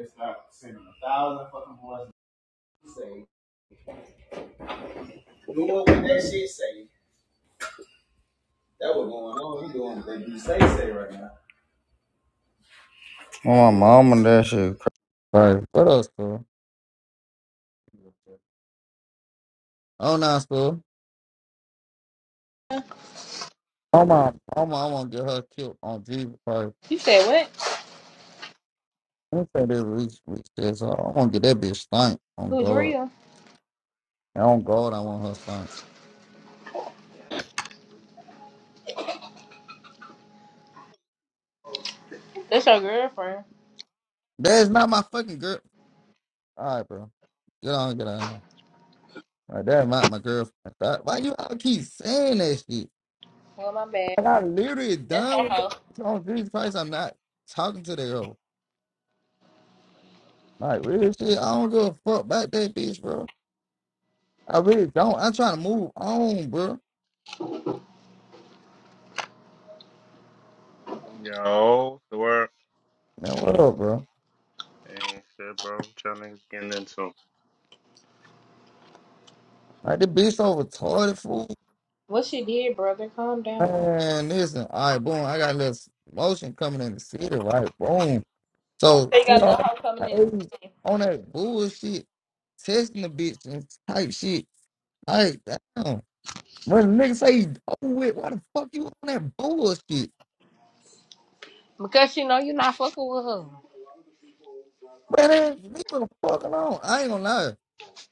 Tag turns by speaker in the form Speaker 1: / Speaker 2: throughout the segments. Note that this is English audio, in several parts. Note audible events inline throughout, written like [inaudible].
Speaker 1: It's not sending a thousand fucking voices. Say, doing what that shit say. That was going on. He doing what you say say right now. Oh, my mom and that shit. Right. What else, bro? Oh, nah, bro. Oh, my, oh, I want to get her killed on Jesus Christ.
Speaker 2: You said what?
Speaker 1: Let me say this reach, reach this. I want to get that bitch stank on
Speaker 2: Who
Speaker 1: God.
Speaker 2: Drea?
Speaker 1: And on God, I want her stank.
Speaker 2: That's your girlfriend.
Speaker 1: That is not my fucking girl. All right, bro. Get on, get on. Like, that's not my girlfriend. Why you all keep saying that shit?
Speaker 2: Well, my bad.
Speaker 1: And I literally
Speaker 2: That's
Speaker 1: done
Speaker 2: her
Speaker 1: with it.
Speaker 2: hoe.
Speaker 1: On Jesus Christ, I'm not talking to that girl. Like real shit. I don't give a fuck about that bitch, bro. I really don't. I'm trying to move on, bro.
Speaker 3: Yo, what's the word
Speaker 1: Man, what up, bro?
Speaker 3: and shit, bro. What y'all niggas getting into?
Speaker 1: Like the bitch so retarded fool.
Speaker 2: What she did, brother? Calm down.
Speaker 1: Man, listen. All right, boom. I got a little motion coming in the city, right? Boom. So
Speaker 2: They
Speaker 1: she
Speaker 2: got no
Speaker 1: on
Speaker 2: hoe
Speaker 1: my
Speaker 2: coming
Speaker 1: age,
Speaker 2: in.
Speaker 1: on that bullshit, testing the bitch and type shit. Like, damn. When niggas say you over with, why the fuck you on that bullshit?
Speaker 2: Because she know you not fucking with her.
Speaker 1: Man, ass nigga, fuck alone. I ain't gonna lie.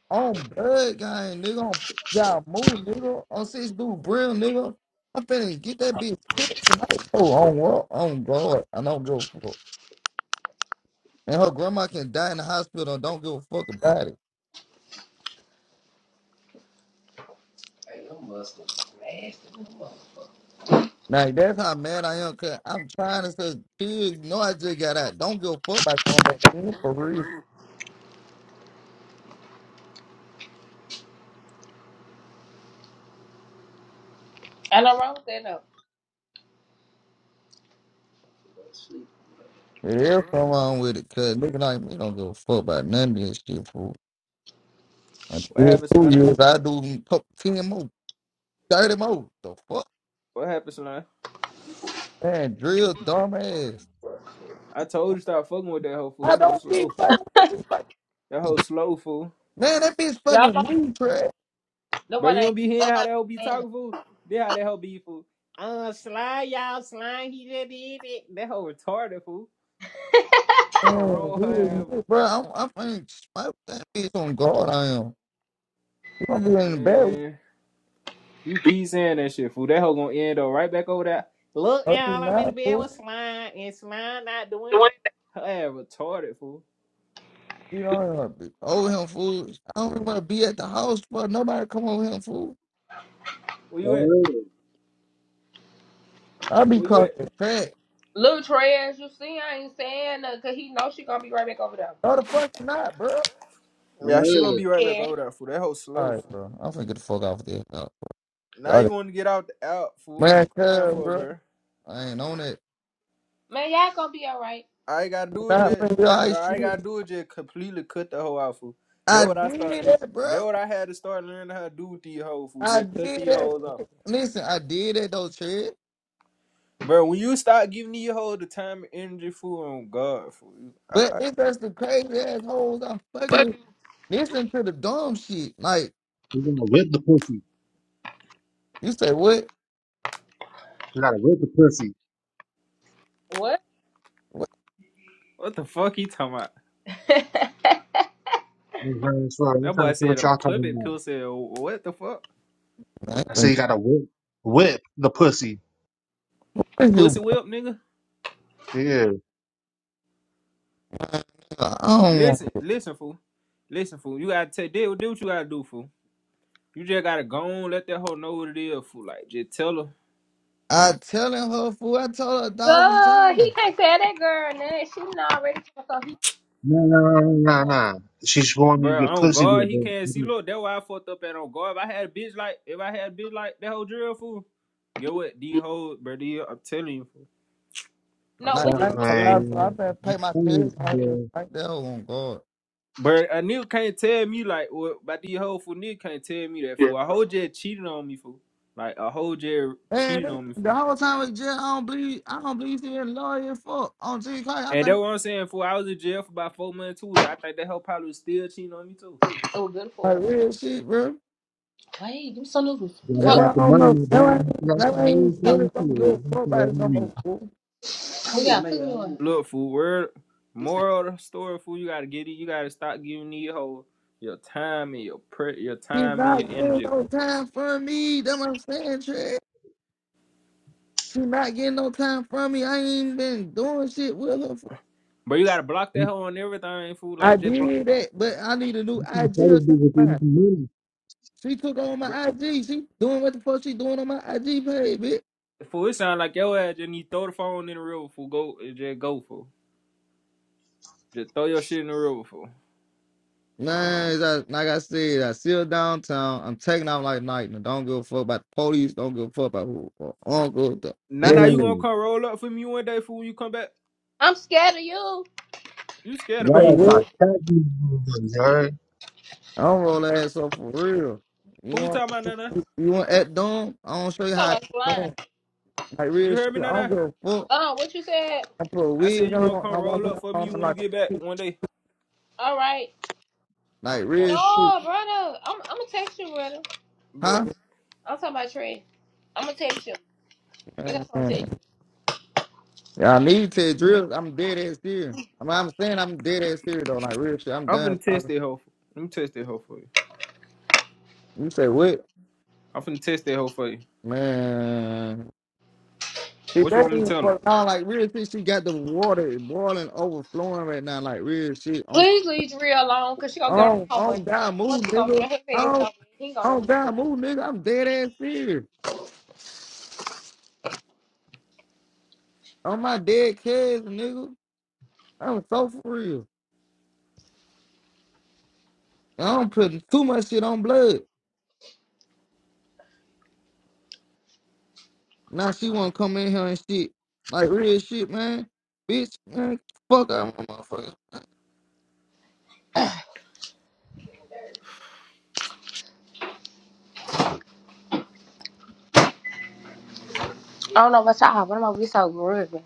Speaker 1: On blood gang, nigga. On y'all move, nigga. On six dude brill, nigga. I'm finna get that bitch killed tonight. Oh, on what? On God. I don't give a fuck. And her grandma can die in the hospital. Don't give a fuck about it. Like that's how mad I am. Cause I'm trying to say, kids, no, I just got out. Don't give a fuck about going back in for real.
Speaker 2: I know wrong with that though.
Speaker 1: There's something wrong with it. Cause nigga like me don't give a fuck about none of this shit, fool. I
Speaker 4: What happened,
Speaker 1: two
Speaker 4: Slime?
Speaker 1: years. I do 10 more. Dirty Mo. The fuck?
Speaker 4: What happened, Slime?
Speaker 1: Man, drill dumbass.
Speaker 4: I told you stop fucking with that hoe fool.
Speaker 1: I
Speaker 4: That hoe
Speaker 1: don't be
Speaker 4: slow.
Speaker 1: fucking with this fucking
Speaker 4: That
Speaker 1: bitch.
Speaker 4: hoe slow fool.
Speaker 1: Man, that bitch fucking
Speaker 2: Y'all
Speaker 1: with
Speaker 2: don't
Speaker 1: me,
Speaker 2: listen.
Speaker 1: trash.
Speaker 2: No
Speaker 4: But
Speaker 2: one
Speaker 4: you don't
Speaker 2: ain't
Speaker 4: be hearing how that hoe be
Speaker 2: saying nothing.
Speaker 4: talking fool. Then how that hoe be fool. Uh, slime, y'all, slime. He just did it. That hoe retarded fool. Something wrong
Speaker 1: Man,
Speaker 4: with her ass,
Speaker 1: really,
Speaker 4: fool.
Speaker 1: Bro, I'm, I'm fucking smoke that bitch on guard. I am. You gonna be in the bed
Speaker 4: Man, you keep saying that shit fool. That hoe gonna end up right back over there. Look,
Speaker 1: up in
Speaker 4: y'all, I'm in the
Speaker 1: nine
Speaker 4: bed with
Speaker 1: fool.
Speaker 4: slime, and slime not doing. that. Her ass retarded fool.
Speaker 1: You know, what I mean? over him fool. I don't even want to be at the house, bro. Nobody come over him fool.
Speaker 4: Where you at?
Speaker 5: Alright,
Speaker 1: I be
Speaker 4: Where you at?
Speaker 1: crossing crack.
Speaker 2: Lil Trey, as you see, I ain't saying nothing because he know she gonna be right back over there.
Speaker 1: No, the fuck not, bro.
Speaker 5: alright.
Speaker 4: Yeah, she
Speaker 5: We
Speaker 4: gonna
Speaker 5: yeah.
Speaker 4: be right back
Speaker 2: Yeah.
Speaker 4: over there fool. That hoe
Speaker 1: All
Speaker 4: slow
Speaker 1: right,
Speaker 4: fool.
Speaker 1: bro. I'm finna get the fuck off this. No.
Speaker 4: Now
Speaker 1: All
Speaker 4: you
Speaker 1: right.
Speaker 4: want to get out the out for what you
Speaker 1: Man,
Speaker 4: crying
Speaker 1: cuz,
Speaker 4: for,
Speaker 1: bro.
Speaker 4: bro.
Speaker 1: I ain't on it.
Speaker 2: Man, y'all gonna be alright.
Speaker 4: I ain't gotta do it
Speaker 1: Nah,
Speaker 4: yet,
Speaker 1: man, you all right,
Speaker 4: bro. I
Speaker 1: shit.
Speaker 4: ain't gotta do it yet. Completely cut the whole out, fool. That
Speaker 1: I
Speaker 4: what I start.
Speaker 1: did that, bro.
Speaker 4: That what I had to start learning how to do with these hoes, fool.
Speaker 1: I
Speaker 4: Just cut
Speaker 1: did
Speaker 4: these
Speaker 1: that.
Speaker 4: hoes off,
Speaker 1: Listen, I did that though, Chad.
Speaker 4: bro. When you start giving these hoes the time and energy, fool, on God, fool. you- I,
Speaker 1: But
Speaker 4: I,
Speaker 1: it's just the crazy assholes I'm fucking with. Listen to the dumb shit. Like
Speaker 5: gonna whip the pussy.
Speaker 1: you say, what?
Speaker 5: We gotta whip the pussy.
Speaker 2: What?
Speaker 1: What?
Speaker 4: what the fuck he talking about?
Speaker 2: [laughs]
Speaker 5: You know what I'm saying? So I'm
Speaker 4: That
Speaker 5: trying
Speaker 4: boy
Speaker 5: to see
Speaker 4: said
Speaker 5: what
Speaker 4: a
Speaker 5: y'all talking
Speaker 4: puppet
Speaker 5: about.
Speaker 4: pill said what the fuck?
Speaker 1: I ain't
Speaker 5: I say
Speaker 1: been
Speaker 5: you gotta whip, whip the pussy.
Speaker 1: fucking you,
Speaker 4: Pussy
Speaker 1: bro.
Speaker 4: whip, nigga.
Speaker 5: Yeah.
Speaker 1: I don't want.
Speaker 4: Listen,
Speaker 1: it.
Speaker 4: listen, fool. Listen, fool. You gotta take do do what you gotta do, fool. You just gotta go on, let that hoe know what it is. Fool. Like, just tell her,
Speaker 1: I telling her fool. I told her a thousand
Speaker 2: Girl,
Speaker 1: times.
Speaker 2: he can't tell that girl nothing. She not already so he
Speaker 5: No, no, no, no, no.
Speaker 2: um,
Speaker 5: no. She's wanting me to
Speaker 4: bro.
Speaker 5: get
Speaker 4: On
Speaker 5: pussy
Speaker 4: God,
Speaker 5: with
Speaker 4: he can't see.
Speaker 5: her.
Speaker 4: Look, that's why I fucked up at on God, If I had a bitch like, if I had a bitch like that whole drill fool, get what these hoes, bro. These, I'm telling you, fool.
Speaker 5: I'm
Speaker 2: no
Speaker 1: Like
Speaker 2: what
Speaker 4: man,
Speaker 1: I,
Speaker 2: he
Speaker 5: telling
Speaker 1: ain't
Speaker 4: I'm
Speaker 1: gonna
Speaker 4: telling
Speaker 1: lie,
Speaker 4: you,
Speaker 1: bro.
Speaker 4: fool.
Speaker 1: I
Speaker 5: man.
Speaker 1: better pay my test.
Speaker 5: Things,
Speaker 1: I said,
Speaker 5: man.
Speaker 1: "Fuck that hoe on God."
Speaker 4: But a nigga can't tell me like what about these hoes fool. Nigga can't tell me that fool. A whole jet cheated on me fool. Like a whole jet
Speaker 1: Man,
Speaker 4: cheated
Speaker 1: this,
Speaker 4: on me
Speaker 1: the
Speaker 4: fool.
Speaker 1: whole time in jail, I don't believe. I don't believe she been lawyer. Fuck on G Clark.
Speaker 4: And
Speaker 1: I
Speaker 4: that's
Speaker 1: think
Speaker 4: what I'm saying fool. I was in jail for about four months too. I think that hoe probably was still cheating on me too.
Speaker 2: oh good
Speaker 1: like
Speaker 2: for
Speaker 1: real shit, bro.
Speaker 2: Wait, them some noodles.
Speaker 5: It's All
Speaker 1: That why
Speaker 5: about the
Speaker 1: I do
Speaker 5: money, my
Speaker 1: That
Speaker 5: brother.
Speaker 1: why,
Speaker 5: That's
Speaker 1: that
Speaker 5: how it
Speaker 1: ain't
Speaker 5: is,
Speaker 1: really
Speaker 5: man. Shit,
Speaker 1: don't go a
Speaker 5: you
Speaker 1: fuck
Speaker 5: know
Speaker 1: about
Speaker 5: what I
Speaker 1: no more,
Speaker 5: mean?
Speaker 1: fool.
Speaker 2: Fuck, we got cooking one.
Speaker 4: Look, fool, word moral of the story, fool, you gotta get it. You gotta stop giving these hoes your time and your pre- your
Speaker 1: She
Speaker 4: time and your
Speaker 1: not getting
Speaker 4: energy,
Speaker 1: no
Speaker 4: fool.
Speaker 1: time from me. That's what I'm saying, Trey. She not getting no time from me. I ain't even been doing shit with her. fool.
Speaker 4: But you gotta block that
Speaker 5: You-
Speaker 4: hoe on everything, fool.
Speaker 1: I
Speaker 4: Like just block
Speaker 1: did that, but I need a new
Speaker 5: you trying to
Speaker 1: IG
Speaker 5: tell this
Speaker 1: or
Speaker 5: bitch to give you need
Speaker 1: something.
Speaker 5: some money.
Speaker 1: She took on
Speaker 4: bro.
Speaker 1: my IG. She doing what the fuck she doing on my IG page, bitch.
Speaker 4: fool, it sound like your ass just need to throw the phone in the river, fool. Go just go, fool. Just throw your shit in the river, fool.
Speaker 1: Man, as I, like I said, I still downtown. I'm taking out like night. Don't give a fuck about the police. Don't give a fuck about who. Or uncle. The,
Speaker 4: Now now
Speaker 1: they
Speaker 4: you gonna
Speaker 5: Yeah.
Speaker 4: come roll up for me one day, fool, when you come back.
Speaker 2: I'm scared of you. You
Speaker 4: You scared of
Speaker 5: Y'all
Speaker 1: say,
Speaker 5: gotta
Speaker 4: me.
Speaker 1: well,
Speaker 5: start taxing these motherfuckers, alright?
Speaker 1: I don't roll ass up for real. You
Speaker 4: Who you
Speaker 1: want
Speaker 4: talking about, Nana?
Speaker 1: you want act dumb? I don't show you how to
Speaker 2: Talking
Speaker 1: act
Speaker 2: about flying.
Speaker 1: dumb. Like
Speaker 4: You
Speaker 1: real shit.
Speaker 4: heard me,
Speaker 1: I don't
Speaker 4: Nana?
Speaker 1: give a fuck.
Speaker 2: Uh, what you said?
Speaker 1: I put a
Speaker 4: I said
Speaker 1: wig
Speaker 4: you gonna
Speaker 1: on. I
Speaker 4: come
Speaker 1: walk
Speaker 4: roll up for me
Speaker 1: around
Speaker 4: when you
Speaker 1: like a
Speaker 4: get back
Speaker 1: kid.
Speaker 4: one day.
Speaker 2: All right.
Speaker 1: like
Speaker 4: Uh,
Speaker 1: real shit.
Speaker 2: No, brother. I'm, I'm gonna text you, brother.
Speaker 4: but
Speaker 1: Huh?
Speaker 2: I'm talking about Trey. I'm gonna text you. I got something to tell
Speaker 1: Mhm. Yeah, I need to drill. I'm dead ass serious. I mean, I'm saying I'm dead ass serious though. Like real shit. I'm
Speaker 4: I'm
Speaker 1: done
Speaker 4: finna test
Speaker 1: talking.
Speaker 4: that hoe. fool. Let me test that hoe for you.
Speaker 1: You say what?
Speaker 4: I'm finna test that hoe for you.
Speaker 1: Man. She
Speaker 4: What you want me to
Speaker 1: better
Speaker 4: tell her?
Speaker 1: fuck on like real shit. She got the water boiling, overflowing right now. Like real shit. On
Speaker 2: Please leave Drea alone, cause she gonna get
Speaker 1: on
Speaker 2: on me home.
Speaker 1: on down
Speaker 2: Boy,
Speaker 1: move,
Speaker 2: she gonna
Speaker 1: nigga.
Speaker 2: get her
Speaker 1: I
Speaker 2: face
Speaker 1: don't
Speaker 2: off. He ain't gonna know
Speaker 1: Oh
Speaker 2: what to
Speaker 1: God,
Speaker 2: do.
Speaker 1: move, nigga. I'm dead ass serious. On my dead kids, nigga. I'm so for real. I don't put too much shit on blood. Now she wanna come in here and shit. Like real shit, man. Bitch, man, fuck out my motherfucker.
Speaker 2: I don't know about y'all, but I'm gonna be so rude. man.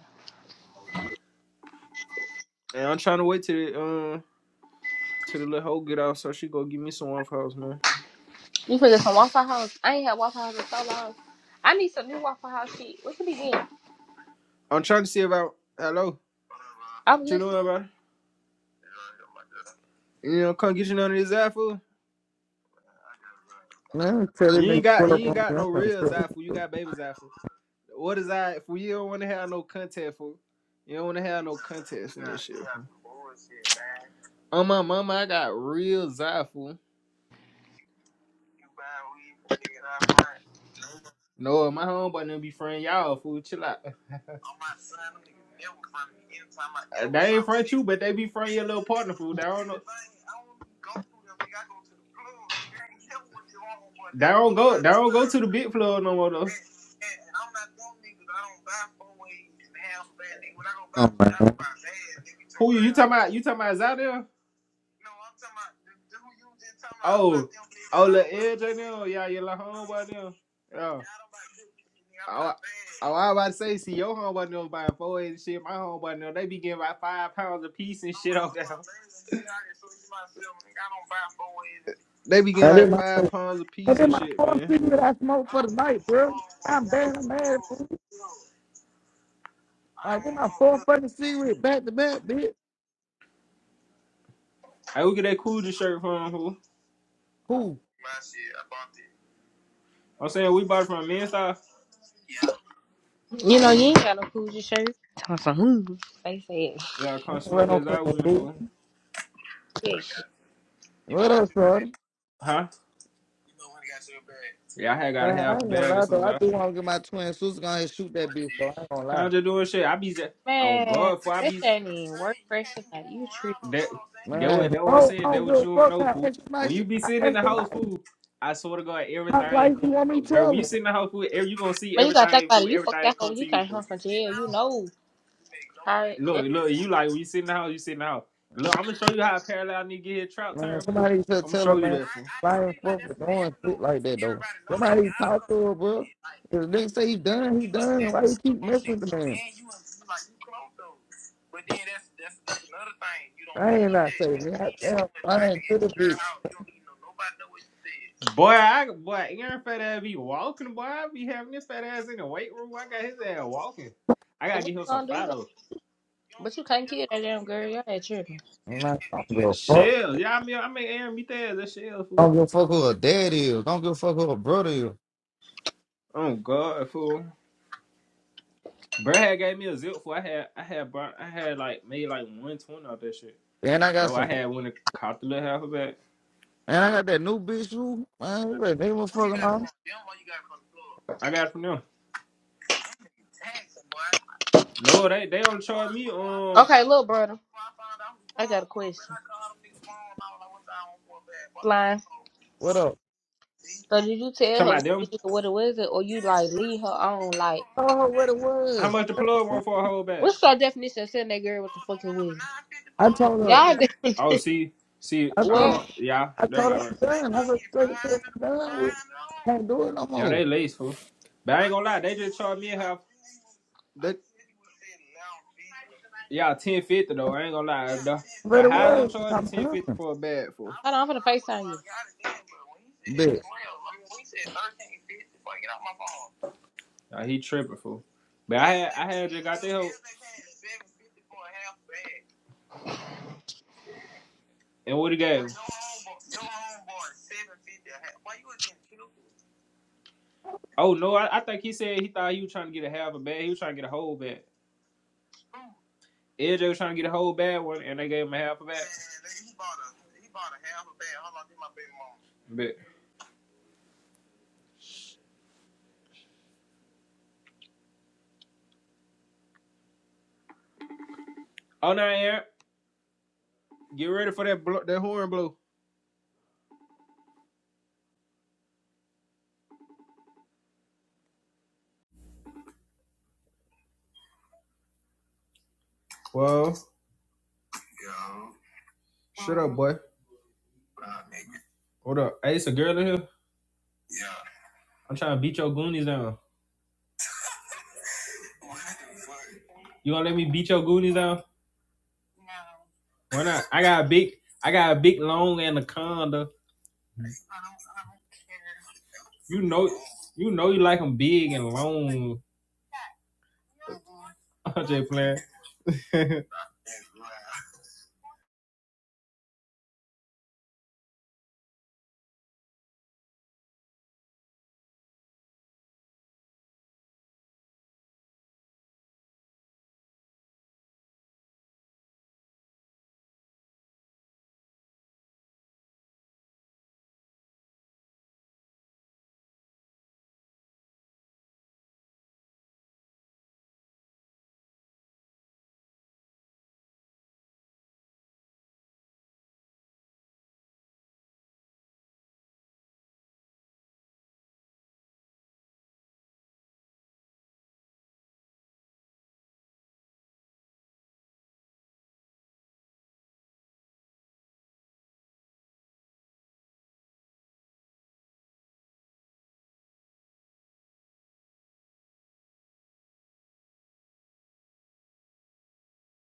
Speaker 4: And I'm trying to wait till the um till the little hoe get out so she go give me some of hers, man.
Speaker 2: You finna get some Waffle House. I ain't had Waffle House in so long. I need some new Waffle House shit. What you be getting?
Speaker 4: I'm trying to see about hello. What
Speaker 2: I'm
Speaker 4: you
Speaker 2: listening.
Speaker 4: doing about it? You know, come get you none of this Zafu.
Speaker 1: Man, tell that
Speaker 4: You ain't
Speaker 1: nigga
Speaker 4: got
Speaker 1: pull
Speaker 4: you
Speaker 1: up
Speaker 4: ain't
Speaker 1: on me.
Speaker 4: got
Speaker 1: I'm
Speaker 4: no
Speaker 1: trying to
Speaker 4: real
Speaker 1: sell this.
Speaker 4: Zafu. You got baby Zafu. What is that for? You don't want to have no contact for. You don't want to have no contest in this shit. On my mama, I got real Zafu. No, my homeboy didn't be friend y'all fool. Chill out. Uh, you, but they be front food. They go big [laughs] floor no more though. and,
Speaker 1: Oh man.
Speaker 4: about? You talking about is Oh, oh, Edge right now. Yeah, your little homeboy now. Yeah. Oh, I- oh, I was about to say, see, your homeboy knows buying four and shit. My homeboy know they be getting about five pounds a piece and shit off that. [laughs] They be getting
Speaker 1: That is
Speaker 4: like
Speaker 1: my
Speaker 4: five pounds a
Speaker 1: that
Speaker 4: piece
Speaker 1: is
Speaker 4: and
Speaker 1: my
Speaker 4: shit,
Speaker 1: fourth
Speaker 4: man.
Speaker 1: cigarette I smoked for the night, bro. I'm bad, I'm mad fool. Like this my fourth fucking cigarette back to back, bitch.
Speaker 4: Hey, we get that Coogee shirt from who?
Speaker 1: Cool.
Speaker 4: I'm saying we bought it from men's house.
Speaker 2: You know, you ain't got no Coogee shirt. Talking some who? They say it.
Speaker 4: Yeah, I
Speaker 1: I
Speaker 4: come
Speaker 1: don't run
Speaker 4: smoke
Speaker 1: no
Speaker 4: that out
Speaker 1: fucking
Speaker 4: with me
Speaker 1: fool.
Speaker 4: for.
Speaker 2: Shit.
Speaker 1: What up, Charlie?
Speaker 4: Huh? Yeah, I had
Speaker 1: Uh,
Speaker 4: got a half
Speaker 1: I
Speaker 4: a
Speaker 1: ain't gonna
Speaker 4: bag or
Speaker 1: lie though. I
Speaker 4: something.
Speaker 1: do want to get my twin sister gonna and shoot that bitch though. I ain't gonna lie.
Speaker 4: I'm just doing shit. I be z- on
Speaker 2: Man,
Speaker 4: guard for I
Speaker 2: that shit
Speaker 4: be.
Speaker 2: ain't even work fresh tonight. You tripping.
Speaker 4: That that what
Speaker 1: Man,
Speaker 4: that what I'm
Speaker 1: oh,
Speaker 4: saying.
Speaker 1: I don't
Speaker 4: That
Speaker 1: give
Speaker 4: what
Speaker 1: a
Speaker 4: you don't
Speaker 1: fuck
Speaker 4: know,
Speaker 1: how
Speaker 4: fool.
Speaker 1: extra
Speaker 4: When
Speaker 1: nice
Speaker 4: you be
Speaker 1: I
Speaker 4: sitting in the
Speaker 1: extra life.
Speaker 4: house, fool, I swear to God,
Speaker 1: My
Speaker 4: everything
Speaker 1: life you
Speaker 4: come.
Speaker 1: want me to
Speaker 4: Where
Speaker 1: tell
Speaker 4: when you
Speaker 1: her.
Speaker 4: sit in the house, fool, every, you gonna see
Speaker 2: But you gotta think
Speaker 4: everything,
Speaker 2: about
Speaker 4: fool.
Speaker 2: it. You fucked
Speaker 4: Everything
Speaker 2: that hoe
Speaker 4: come
Speaker 2: when
Speaker 4: to
Speaker 2: you
Speaker 4: you,
Speaker 2: came
Speaker 4: fool.
Speaker 2: home from jail. You know how it, it-
Speaker 4: Look, look, you like when you sit in the house, you sit in the house. Look, I'm gonna show you how a parallel nigga get his trap
Speaker 1: Man,
Speaker 4: turn, fool.
Speaker 1: somebody should
Speaker 4: I'm gonna
Speaker 1: tell her,
Speaker 4: show you
Speaker 1: man.
Speaker 4: that, fool.
Speaker 1: I ain't fuck with doing shit like that though. Somebody talk to her, bro. If the nigga say he done, he done. Why you keep messing with the man? I ain't not saying that. Damn, I ain't to the bitch.
Speaker 4: Boy, I boy, Aaron fat ass be walking, boy. I be having this fat ass in the weight room. I got his ass walking. I
Speaker 2: so
Speaker 4: gotta
Speaker 2: what
Speaker 4: get
Speaker 2: you
Speaker 4: him some
Speaker 2: gonna do though?
Speaker 4: Fido.
Speaker 2: But you can't kill that damn girl. Y'all ain't tripping.
Speaker 1: Man, I don't give a fuck.
Speaker 4: Shells, yeah, I mean, I made Aaron meet that that shell
Speaker 1: I
Speaker 4: fool.
Speaker 1: don't give a fuck who her dad is. I don't give a fuck who her brother is.
Speaker 4: Oh God, fool. Brad gave me a zip fool. I had, I had, I had like made like one twenty off that shit.
Speaker 1: And I got
Speaker 4: Though
Speaker 1: some
Speaker 4: I had one that caught the little half of that.
Speaker 1: And I got that new bitch who, man, look, they was fucking on.
Speaker 4: I got it from them. No, they they only charge me um.
Speaker 2: Okay, little brother, I got a question. Flying.
Speaker 1: What up?
Speaker 2: So did you tell
Speaker 4: Talking
Speaker 2: her
Speaker 4: about
Speaker 2: what
Speaker 4: them.
Speaker 2: it, what it was, or you like leave her on? Like,
Speaker 1: Told her what it
Speaker 4: How
Speaker 1: was.
Speaker 4: much the plug one for a whole bag?
Speaker 2: what's your definition of sending that girl with the fucking wig?
Speaker 1: I told her,
Speaker 2: Y'all, [laughs] defin-
Speaker 4: Oh, see, see,
Speaker 1: I
Speaker 4: I
Speaker 1: told
Speaker 2: what?
Speaker 4: don't.
Speaker 1: her,
Speaker 4: Yeah,
Speaker 1: I told
Speaker 4: uh,
Speaker 1: her I'm done. I was straight to I'm
Speaker 4: in
Speaker 1: done with. it. I can't do it no
Speaker 4: the Yeah,
Speaker 1: more.
Speaker 4: they lace, fool. But Yeah, ten fifty though. I ain't gonna lie.
Speaker 1: What it was, I'm done.
Speaker 4: for a bag, fool.
Speaker 2: Hold on, I'm finna FaceTime you.
Speaker 1: Bitch.
Speaker 4: Yeah, he tripping, fool. But there. And what it gave? Oh no, I, I think he said he thought he was trying to get a half a bag. He was trying to get a whole bag. AJ was trying to get a whole bag one, and they gave him a half a bag. baby mama. But oh no, Aaron, get ready for that blow, that horn blow. Whoa, shut up, boy. What up? Hey, it's a girl in here. I'm trying to beat your goonies down. You gonna let me beat your goonies down? Why not? I got a big, I got a big long anaconda You know, you know, you like them big and long. [laughs] I'm just playing. [laughs]